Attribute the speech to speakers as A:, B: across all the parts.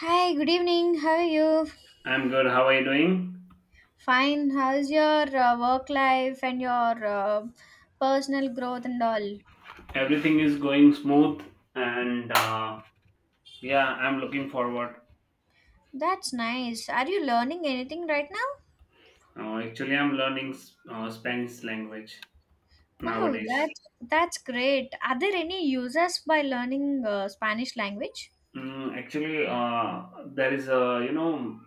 A: Hi, good evening. How are you?
B: I'm good. How are you doing?
A: Fine. How's your work life and your personal growth and all?
B: Everything is going smooth, and yeah, I'm looking forward.
A: That's nice. Are you learning anything right now?
B: Actually, I'm learning Spanish language
A: Wow,
B: nowadays.
A: that's great. Are there any users by learning Spanish language?
B: Actually, there is a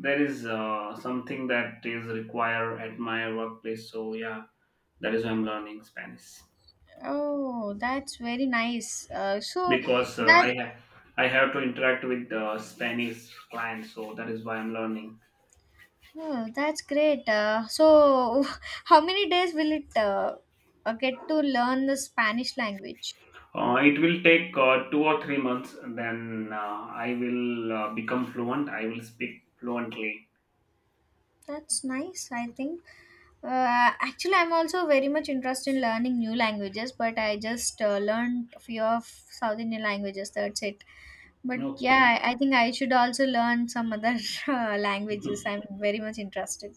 B: there is something that is required at my workplace. So yeah, that is why I'm learning Spanish
A: Oh, that's very nice. So
B: because
A: that
B: I have to interact with Spanish clients. So that is why I'm learning.
A: oh, that's great. So how many days will it get to learn the Spanish language?
B: It will take 2 or 3 months, then I will become fluent. I will speak fluently.
A: That's nice, I think. Actually, I'm also very much interested in learning new languages, but I just learned a few of South Indian languages. That's it. But
B: Okay.
A: yeah, I think I should also learn some other languages.
B: Mhm.
A: I'm very much interested.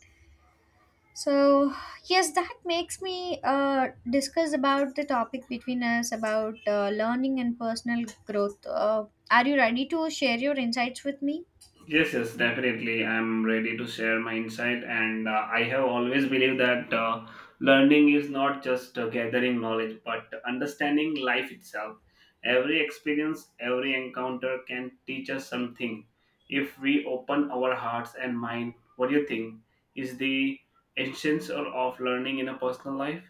A: So yes, that makes me uh, discuss about the topic between us about learning and personal growth. Are you ready to share your insights with me?
B: Yes, definitely. I'm ready to share my insight, and I have always believed that learning is not just gathering knowledge, but understanding life itself. Every experience, every encounter can teach us something if we open our hearts and mind. What do you think? Is the essence or of learning in a personal life?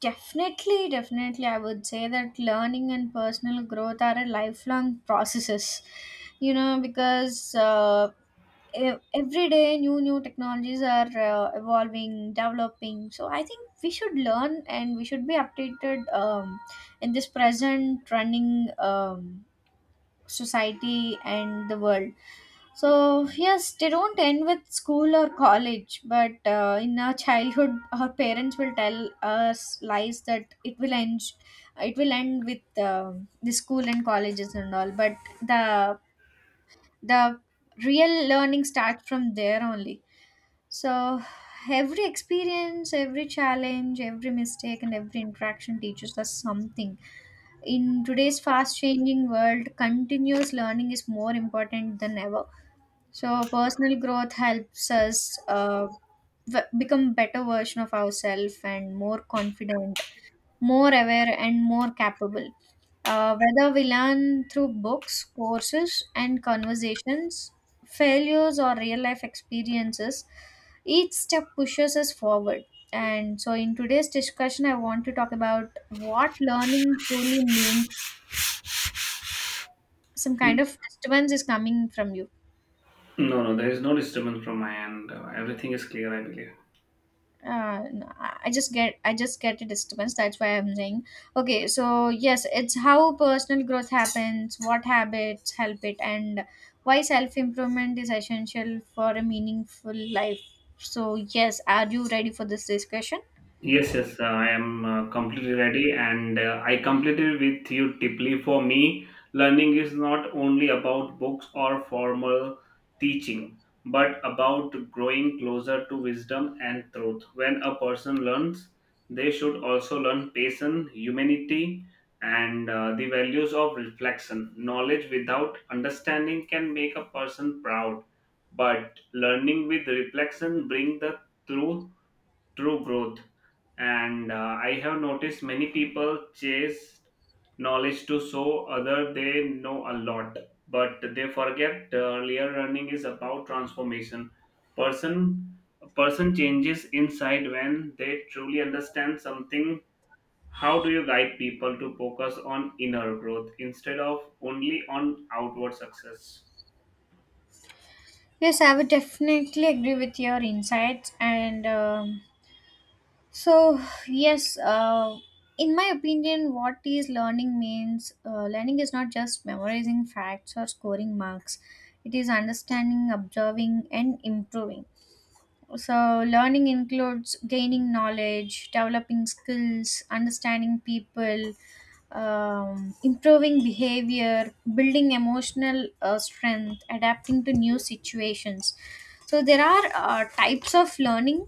A: Definitely, definitely. I would say that learning and personal growth are a lifelong processes. You know, because every day new technologies are evolving, developing. So I think we should learn and we should be updated in this present running, um, society and the world. So yes, they don't end with school or college, but in our childhood our parents will tell us lies that it will end with the school and colleges and all, but the the real learning starts from there only. So every experience, every challenge, every mistake and every interaction teaches us something. In today's fast changing world, continuous learning is more important than ever. So personal growth helps us become better version of ourselves, and more confident, more aware and more capable. Whether we learn through books, courses and conversations, failures or real life experiences, each step pushes us forward. And so in today's discussion I want to talk about what learning truly means. Some kind of disturbance is coming from you.
B: No, no, there is no disturbance from my end. Everything is clear, I believe.
A: No, I just get a disturbance, that's why I'm saying. Okay, so yes, it's how personal growth happens, what habits help it, and why self improvement is essential for a meaningful life. So yes, are you ready for this discussion?
B: Yes, I am completely ready, and I completely with you deeply. For me, learning is not only about books or formal teaching, but about growing closer to wisdom and truth. When a person learns, they should also learn patience, humanity, and the values of reflection. Knowledge without understanding can make a person proud, but learning with reflection bring the truth true growth. And I have noticed many people chase knowledge to show other they know a lot, but they forget real learning is about transformation. Person person changes inside when they truly understand something. How do you guide people to focus on inner growth instead of only on outward success?
A: Yes, I would definitely agree with your insights and, so, yes, in my opinion, what is learning means, learning is not just memorizing facts or scoring marks, it is understanding, observing, and improving. So, learning includes gaining knowledge, developing skills, understanding people, improving behavior, building emotional strength, adapting to new situations. So, there are types of learning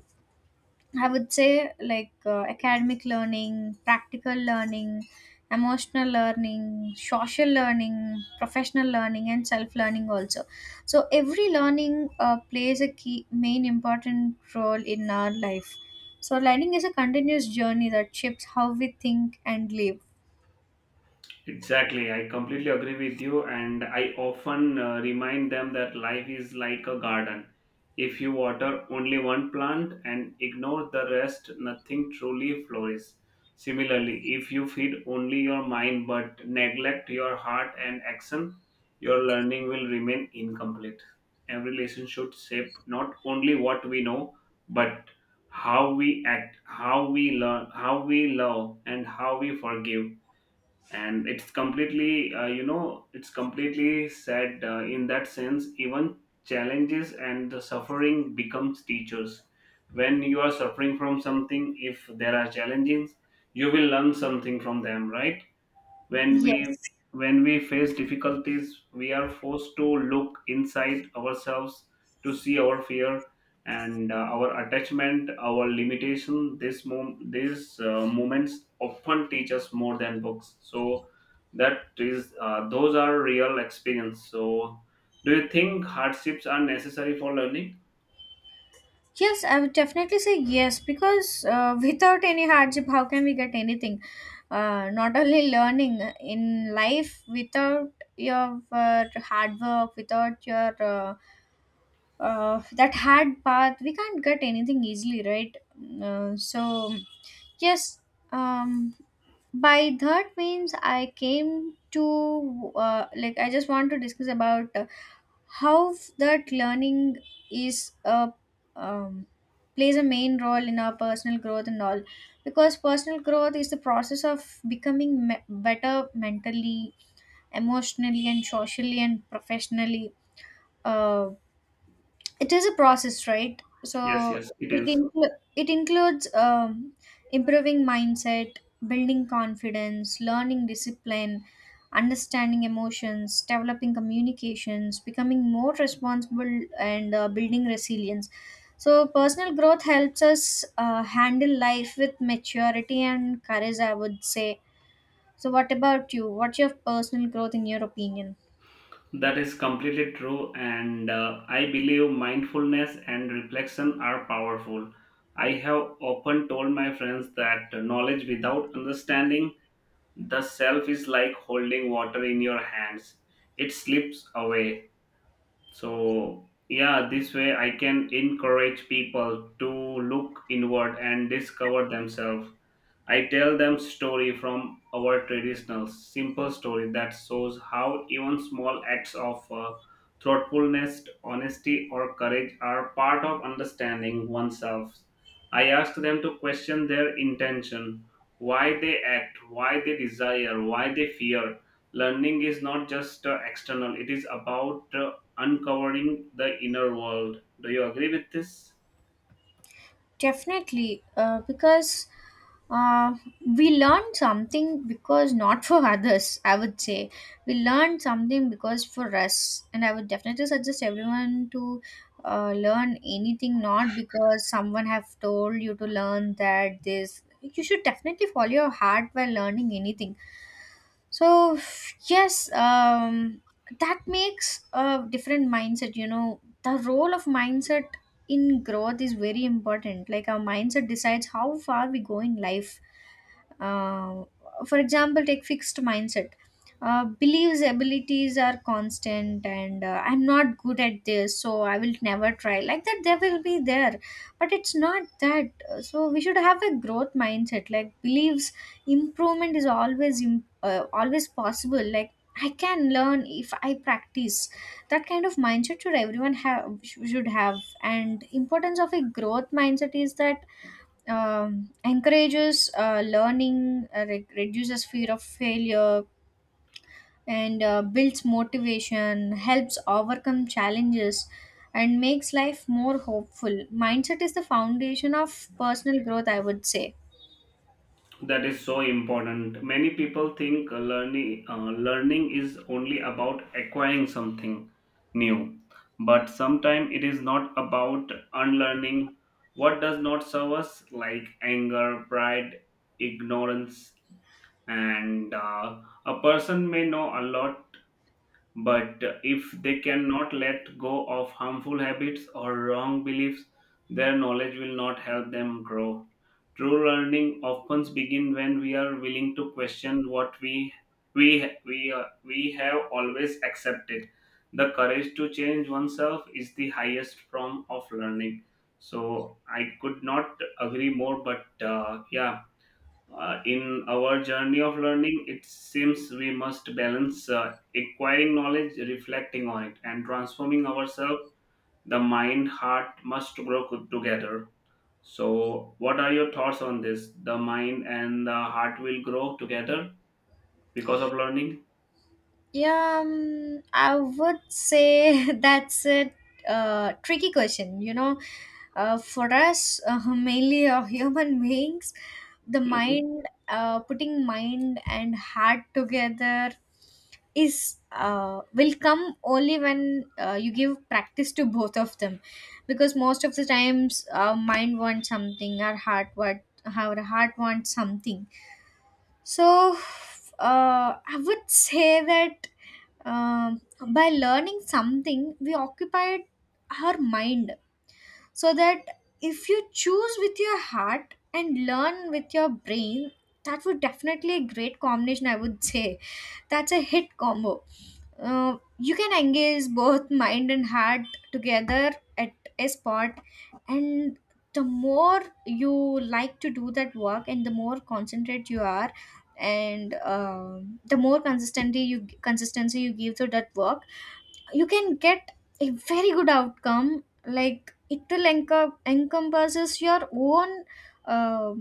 A: I would say, like academic learning, practical learning, emotional learning, social learning, professional learning, and self learning also. So every learning plays a key main important role in our life. So learning is a continuous journey that shapes how we think and live.
B: Exactly, I completely agree with you, and I often remind them that life is like a garden. If you water only one plant and ignore the rest, nothing truly flourishes. Similarly, if you feed only your mind but neglect your heart and action, your learning will remain incomplete. Every lesson should shape not only what we know, but how we act, how we learn, how we love, and how we forgive. And it's completely it's completely said in that sense. Even challenges and the suffering becomes teachers. When you are suffering from something, if there are challenges, you will learn something from them, right? when we
A: Yes.
B: when we face difficulties, we are forced to look inside ourselves, to see our fear and our attachment, our limitation. These moments often teach us more than books. So that is those are real experience. So do you think hardships are necessary for learning?
A: Yes, I would definitely say yes, because without any hardship, how can we get anything? Not only learning in life, without your hard work, without your that hard path, we can't get anything easily, right? So yes, um, by that means I came to like I just want to discuss about how that learning is a um, plays a main role in our personal growth and all, because personal growth is the process of better mentally, emotionally, and socially and professionally. uh it is a process, right? So
B: Yes, yes, it is.
A: it includes, improving mindset, building confidence, learning discipline, understanding emotions, developing communications, becoming more responsible, and building resilience. So personal growth helps us handle life with maturity and courage, I would say. So what about you? What's your personal growth in your opinion?
B: That is completely true, and I believe mindfulness and reflection are powerful. I have often told my friends that knowledge without understanding the self is like holding water in your hands, it slips away. So, yeah, this way I can encourage people to look inward and discover themselves. I tell them story from our traditional simple story that shows how even small acts of thoughtfulness, honesty, or courage are part of understanding oneself. I ask them to question their intention, why they act, why they desire, why they fear. Learning is not just external; it is about uncovering the inner world. Do you agree with this?
A: Definitely, because uh, we learn something because not for others, I would say. We learn something because for us. And I would definitely suggest everyone to learn anything, not because someone have told you to learn that, this. You should definitely follow your heart while learning anything. So yes, that makes a different mindset, you know, the role of mindset in growth is very important, like our mindset decides how far we go in life. uh, for example, take fixed mindset. Believes abilities are constant and I'm not good at this, so I will never try. Like that, they will be there, but it's not that. So we should have a growth mindset. Like believes improvement is always possible. Like I can learn if I practice. That kind of mindset should everyone have should have. And importance of a growth mindset is that, encourages learning, reduces fear of failure, and builds motivation, helps overcome challenges, and makes life more hopeful. Mindset is the foundation of personal growth, I would say.
B: That is so important. Many people think learning is only about acquiring something new, but sometimes it is not about unlearning what does not serve us, like anger, pride, ignorance, and a person may know a lot, but if they cannot let go of harmful habits or wrong beliefs, their knowledge will not help them grow. True learning often begins when we are willing to question what we have always accepted. The courage to change oneself is the highest form of learning. So I could not agree more. But yeah, in our journey of learning, it seems we must balance acquiring knowledge, reflecting on it, and transforming ourselves. The mind, heart must grow together. So, what are your thoughts on this? The mind and the heart will grow together because of learning.
A: Yeah, I would say that's a tricky question. You know, for us, mainly human beings, the
B: Mhm.
A: mind, putting mind and heart together is will come only when you give practice to both of them, because most of the times our mind wants something, our heart wants something. So, I would say that, um, by learning something we occupied our mind, so that if you choose with your heart and learn with your brain, that would definitely a great combination, I would say. That's a hit combo. You can engage both mind and heart together at a spot, and the more you like to do that work and the more concentrate you are, and the more consistency you give to that work, you can get a very good outcome. Like it will encompasses your own uh,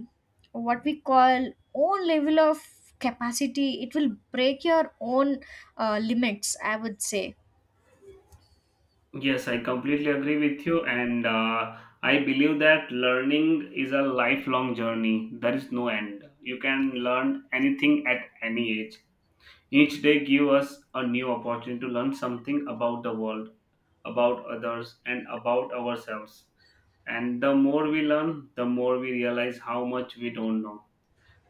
A: what we call own level of capacity. It will break your own limits, I would say.
B: Yes, I completely agree with you, and I believe that learning is a lifelong journey. There is no end. You can learn anything at any age. Each day gives us a new opportunity to learn something about the world, about others, and about ourselves. And the more we learn, the more we realize how much we don't know.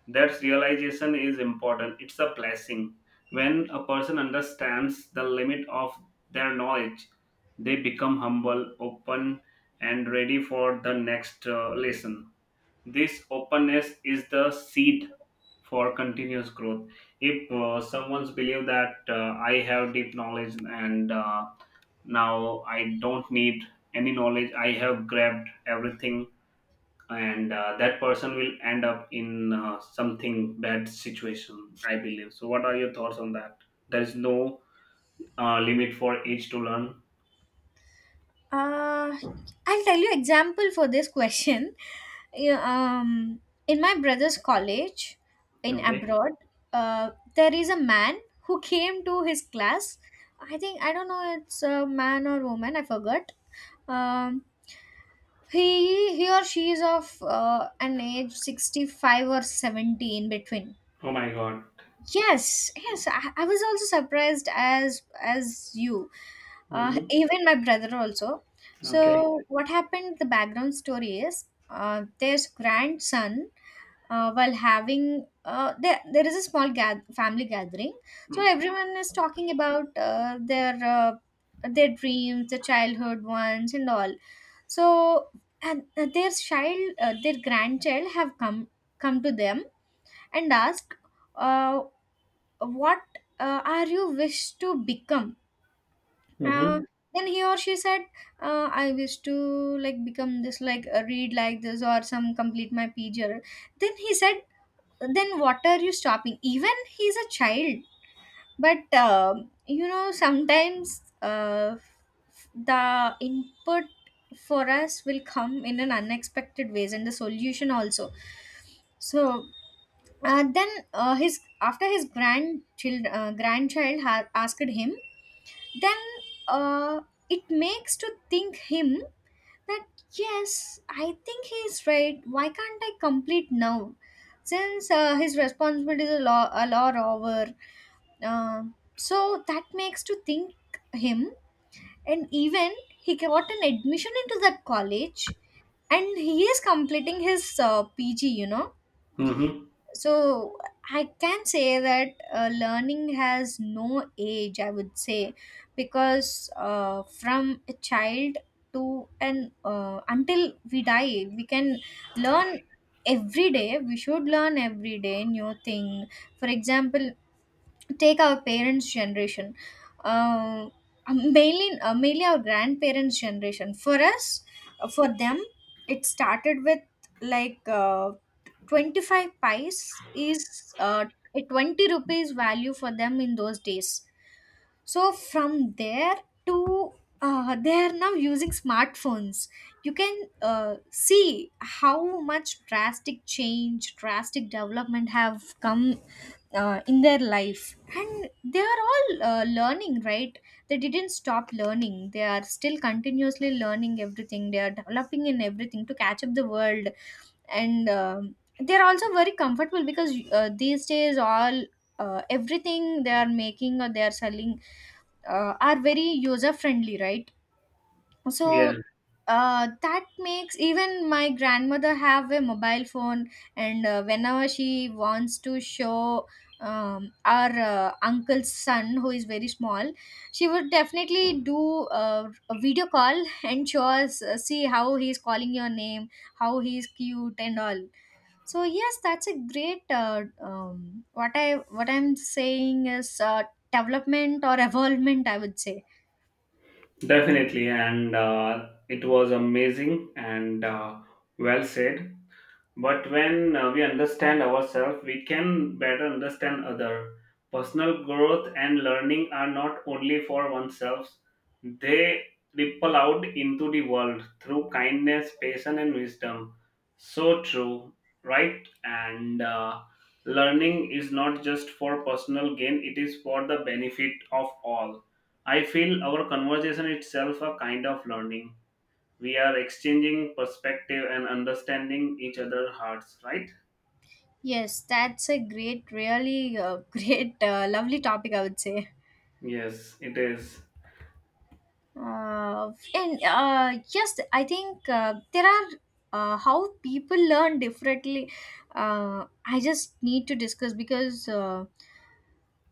B: That realization is important. It's a blessing. When a person understands the limit of their knowledge, they become humble, open, and ready for the next lesson. This openness is the seed for continuous growth. If someone's believe that I have deep knowledge and now I don't need any knowledge, I have grabbed everything, and that person will end up in something bad situation. I believe. So, what are your thoughts on that? There is no limit for age to learn.
A: Uh, I'll tell you example for this question. Yeah. In my brother's college in
B: Okay.
A: abroad, uh, there is a man who came to his class. I think I don't know it's a man or woman. I forgot. Um, he or she is of an age 65 or 70 in between.
B: Oh my God.
A: Yes, yes, I was also surprised as you,
B: Mm-hmm.
A: even my brother also.
B: Okay.
A: So what happened? The background story is their grandson, while having there is a family gathering. So everyone is talking about their dreams, the childhood ones, and all. So, and their child, their grandchild have come to them and asked, uh, "What are you wish to become?" Uh,
B: Mm-hmm.
A: then he or she said, "I wish to like become this, like read like this or some complete my PGR." Then he said, "Then what are you stopping?" Even he's a child, but, you know sometimes, uh, the input for us will come in an unexpected ways, and the solution also. So then his after his grandchild grandchild ha- asked him, then, uh, it makes to think him that yes I think he is right, why can't I complete now, since his responsibilities are a lot over. uh, so that makes to think him, and even he got an admission into that college, and he is completing his PG, you know.
B: Mm-hmm.
A: So I can say that, learning has no age, I would say. Because from a child to an until we die, we can learn every day. We should learn every day new thing. For example, take our parents generation. uh, Mainly our grandparents generation, for us, for them it started with like, 25 pies is a 20 rupees value for them in those days. So from there to, they are now using smartphones. You can see how much drastic change, drastic development have come in their life, and they are all learning, right? They didn't stop learning. They are still continuously learning everything. They are developing in everything to catch up the world. And, they're also very comfortable because these days all everything they are making or they are selling are very user friendly, right?
B: Yeah.
A: So, that makes even my grandmother have a mobile phone, and whenever she wants to show, our uncle's son who is very small, she would definitely do a video call and show us, see how he's calling your name, how he's cute and all. So yes, that's a great. What I'm saying is, development or evolvement, I would say.
B: Definitely, and it was amazing and well said. But when we understand ourselves, we can better understand other. Personal growth and learning are not only for oneself, they ripple out into the world through kindness, patience, and wisdom. So true, right? And learning is not just for personal gain, it is for the benefit of all. I feel our conversation itself a kind of learning. We are exchanging perspective and understanding each other hearts, right?
A: Yes, that's a great, really great, lovely topic, I would say.
B: Yes, it is.
A: And yes, I think there are, how people learn differently. I just need to discuss because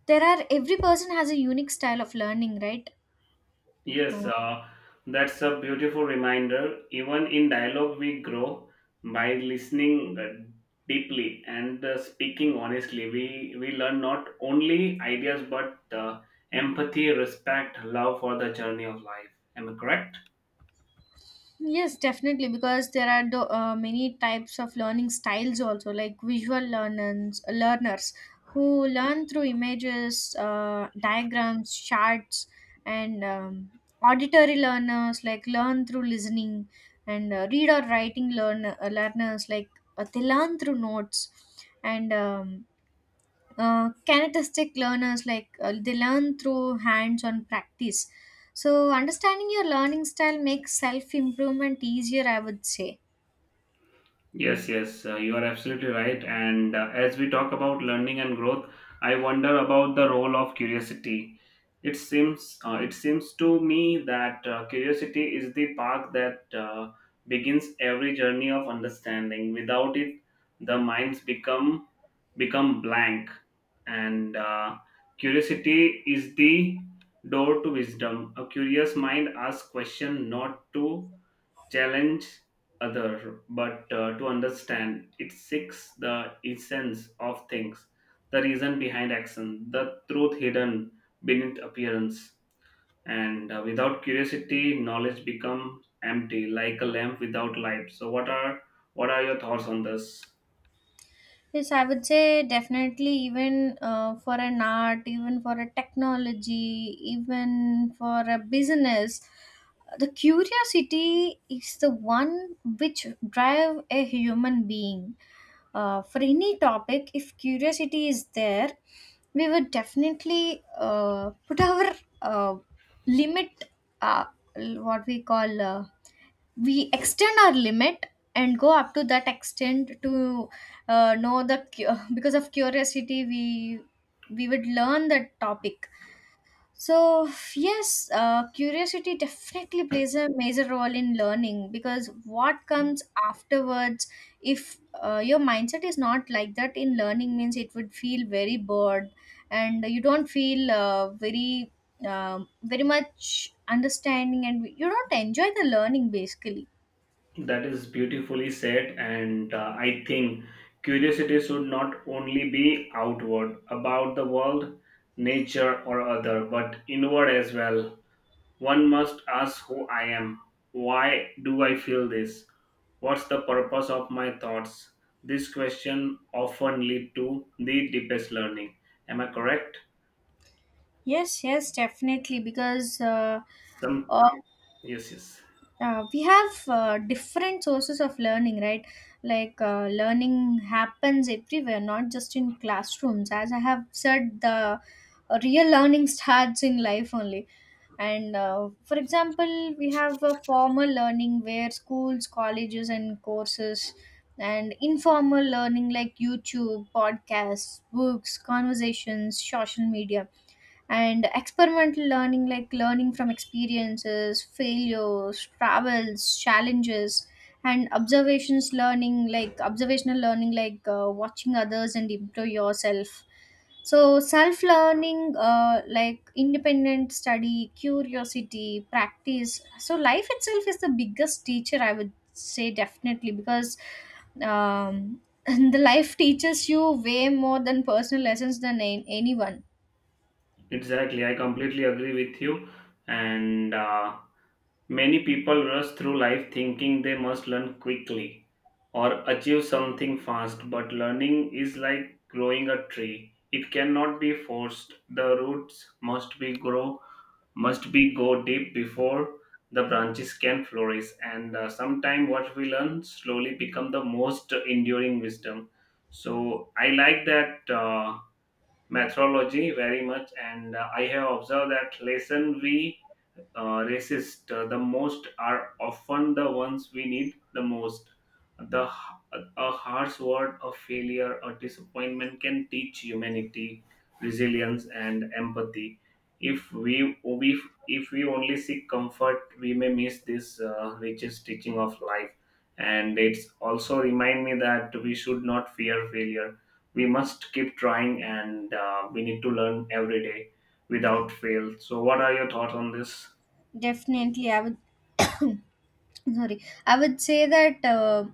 A: there are every person has a unique style of learning, right?
B: yes
A: Uh,
B: uh, that's a beautiful reminder. Even in dialogue, we grow by listening deeply and speaking honestly. We learn not only ideas but empathy, respect, love for the journey of life. Am I correct?
A: Yes, definitely, because there are many types of learning styles also, like visual learners, learners who learn through images, diagrams, charts, and auditory learners like learn through listening, and read or writing learners like they learn through notes, and kinesthetic learners like they learn through hands-on practice. So understanding your learning style makes self-improvement easier, I would say.
B: Yes, yes, you are absolutely right. And as we talk about learning and growth, I wonder about the role of curiosity. It seems to me that curiosity is the path that begins every journey of understanding. Without it, the minds become become blank, and curiosity is the door to wisdom. A curious mind asks question not to challenge other but to understand. It seeks the essence of things, the reason behind action, the truth hidden beneath appearance. And without curiosity knowledge becomes empty like a lamp without light. So what are your thoughts on this?
A: Yes, I would say definitely, even for an art, even for a technology, even for a business, the curiosity is the one which drive a human being. For any topic, if curiosity is there, we would definitely put our uh, limit, uh, l- what we call, uh, we extend our limit and go up to that extent to because of curiosity we would learn that topic. So, yes, curiosity definitely plays a major role in learning, because what comes afterwards, if your mindset is not like that in learning, means it would feel very bored and you don't feel very much understanding and you don't enjoy the learning basically.
B: That is beautifully said, and I think curiosity should not only be outward about the world, nature, or other, but inward as well. One must ask who I am. Why do I feel this? What's the purpose of my thoughts? This question often lead to the deepest learning. Am I correct?
A: Yes, yes, definitely because.
B: Some
A: Uh,
B: yes, yes,
A: we have different sources of learning, right? Like learning happens everywhere, not just in classrooms. As I have said, the real learning starts in life only. And for example, we have a formal learning where schools, colleges and courses, and informal learning like YouTube, podcasts, books, conversations, social media, and experimental learning like learning from experiences, failures, travels, challenges, and observations learning like observational learning, like watching others and improve yourself. So self learning, like independent study, curiosity, practice. So life itself is the biggest teacher, I would say, definitely, because um, the life teaches you way more than personal lessons than anyone.
B: exactly. I completely agree with you. And many people rush through life thinking they must learn quickly or achieve something fast. But learning is like growing a tree. It cannot be forced. The roots must be go deep before the branches can flourish. And sometime what we learn slowly become the most enduring wisdom. So I like that methodology very much, and I have observed that lesson we resist the most are often the ones we need the most. The a harsh word of failure or disappointment can teach humanity, resilience, and empathy. If we if, if we only seek comfort, we may miss this richest teaching of life. And it's also remind me that we should not fear failure. We must keep trying, and we need to learn every day without fail. So, what are your thoughts on this?
A: Definitely, I would sorry, I would say that uh,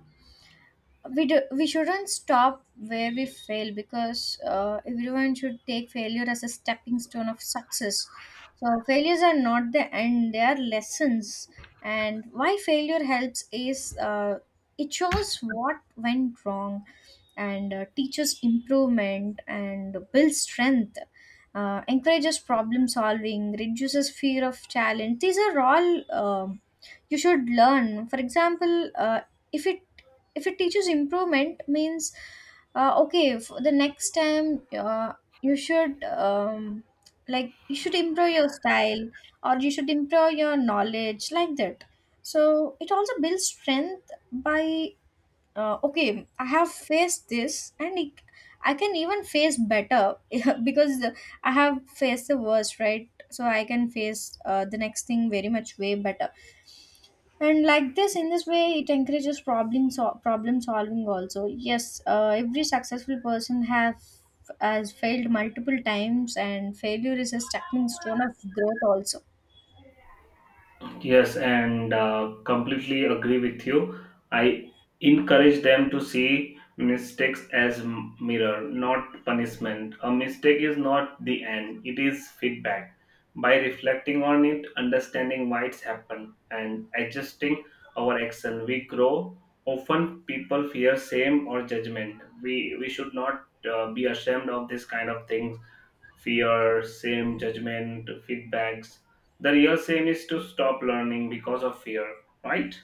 A: we do, we shouldn't stop where we fail, because everyone should take failure as a stepping stone of success. So failures are not the end, they are lessons. And why failure helps is, it shows what went wrong, and teaches improvement and builds strength, encourages problem solving, reduces fear of challenge. These are all, you should learn. For example, if it, if it teaches improvement means, okay, for the next time, you should, like you should improve your style or you should improve your knowledge, like that. So it also builds strength by, okay, I have faced this, and it, I can even face better because I have faced the worst, right? So I can face the next thing very much way better. And like this, in this way, it encourages problem solving also. Yes, every successful person have has failed multiple times, and failure is a stepping stone of growth also.
B: Yes, and completely agree with you. I encourage them to see mistakes as mirror, not punishment. A mistake is not the end; it is feedback. By reflecting on it, understanding why it's happened, and adjusting our action, we grow. Often, people fear shame or judgment. We should not be ashamed of this kind of things: fear, shame, judgment, feedbacks. The real shame is to stop learning because of fear, right?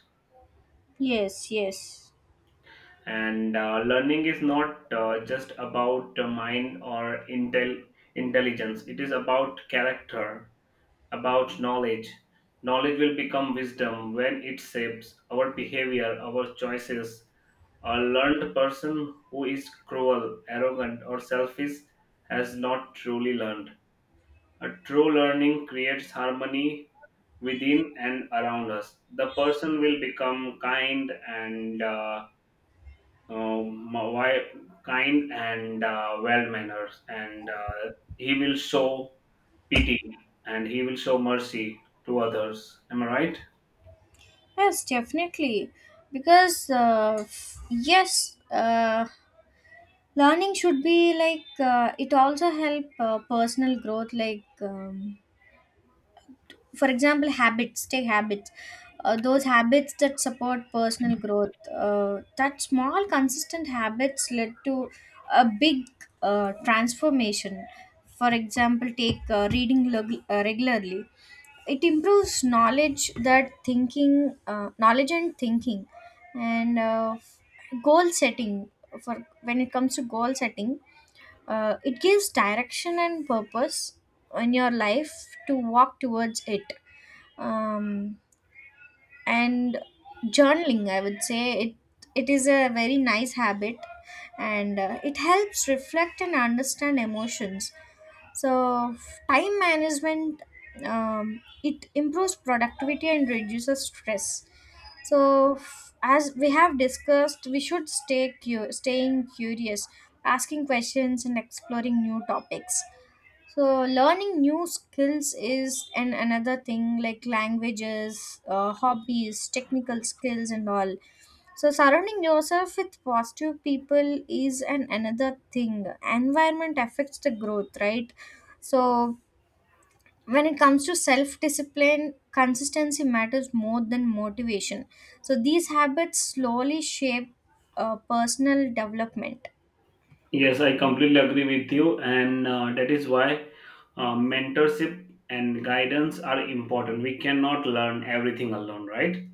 A: Yes, yes,
B: And learning is not just about the mind or intelligence. It is about character, about knowledge. Knowledge will become wisdom when it shapes our behavior, our choices. A learned person who is cruel, arrogant, or selfish has not truly learned. A true learning creates harmony within and around us. The person will become kind and um, wi- kind and well mannered, and he will show pity and he will show mercy to others. Am I right?
A: yes, definitely. Because learning should be like, it also help personal growth, like, for example, habits. Those habits that support personal growth, that small consistent habits led to a big transformation. For example, take reading regularly, it improves knowledge, that thinking knowledge and thinking. And goal setting, for when it comes to goal setting, it gives direction and purpose in your life to walk towards it. um, and journaling, I would say, it is a very nice habit, and it helps reflect and understand emotions. So time management, it improves productivity and reduces stress. So, as we have discussed, we should staying curious, asking questions and exploring new topics. So learning new skills is an another thing, like languages, hobbies, technical skills, and all. So surrounding yourself with positive people is an another thing. Environment affects the growth, right? So when it comes to self discipline, consistency matters more than motivation. So these habits slowly shape personal development.
B: Yes, I completely agree with you, and that is why mentorship and guidance are important. We cannot learn everything alone, right?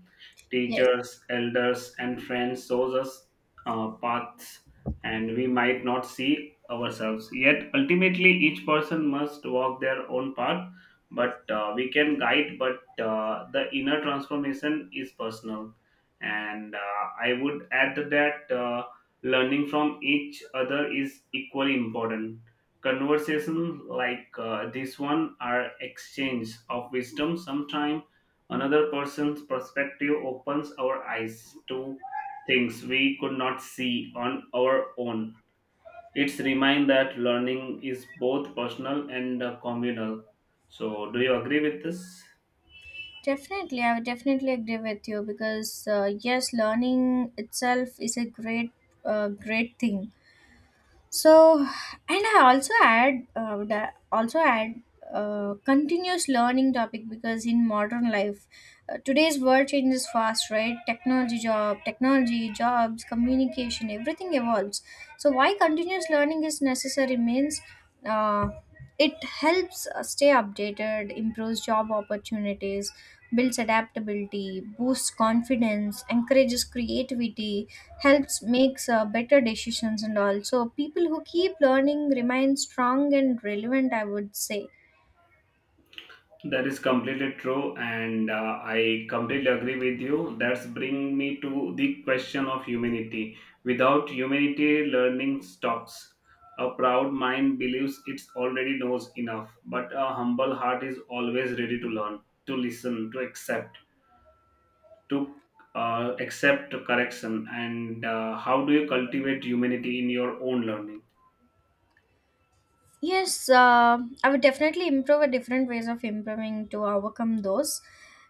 A: Yes.
B: Teachers, elders, and friends shows us paths, and we might not see ourselves. Yet ultimately, each person must walk their own path. But we can guide, but the inner transformation is personal. And I would add to that learning from each other is equally important. Conversations like this one are exchange of wisdom. Sometimes another person's perspective opens our eyes to things we could not see on our own. It's remind that learning is both personal and communal. So, do you agree with this?
A: Definitely, I would definitely agree with you, because yes, learning itself is a great, great thing. So, and I also add, also add continuous learning topic, because in modern life, today's world changes fast, right? Technology, jobs, communication, everything evolves. So why continuous learning is necessary means, uh, it helps stay updated, improves job opportunities, builds adaptability, boosts confidence, encourages creativity, helps makes better decisions and all. So people who keep learning remain strong and relevant, I would say.
B: That is completely true, and I completely agree with you. That's bring me to the question of humanity. Without humanity, learning stops. A proud mind believes it already knows enough, but a humble heart is always ready to learn, to listen, to accept correction. And how do you cultivate humanity in your own learning?
A: Yes, I would definitely improve a different ways of improving to overcome those.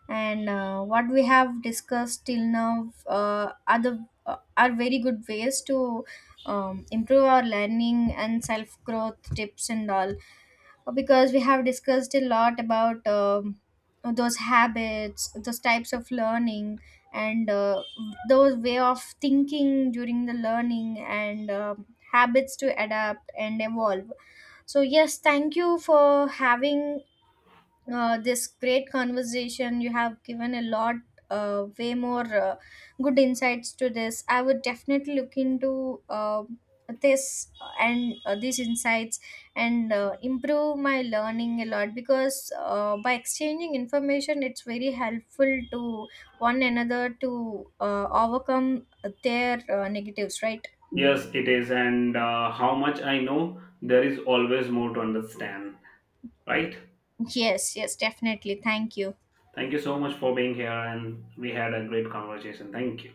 A: And what we have discussed till now, are very good ways to improve our learning and self growth tips and all, because we have discussed a lot about, those habits, those types of learning, and those way of thinking during the learning, and um, habits to adapt and evolve. So yes, thank you for having this great conversation. You have given a lot, way more good insights to this. I would definitely look into this, and these insights, and improve my learning a lot, because by exchanging information, it's very helpful to one another to overcome their negatives, right?
B: Yes, it is, and how much I know, there is always more to understand, right?
A: Yes, yes, definitely. Thank you.
B: Thank you so much for being here, and we had a great conversation. Thank you.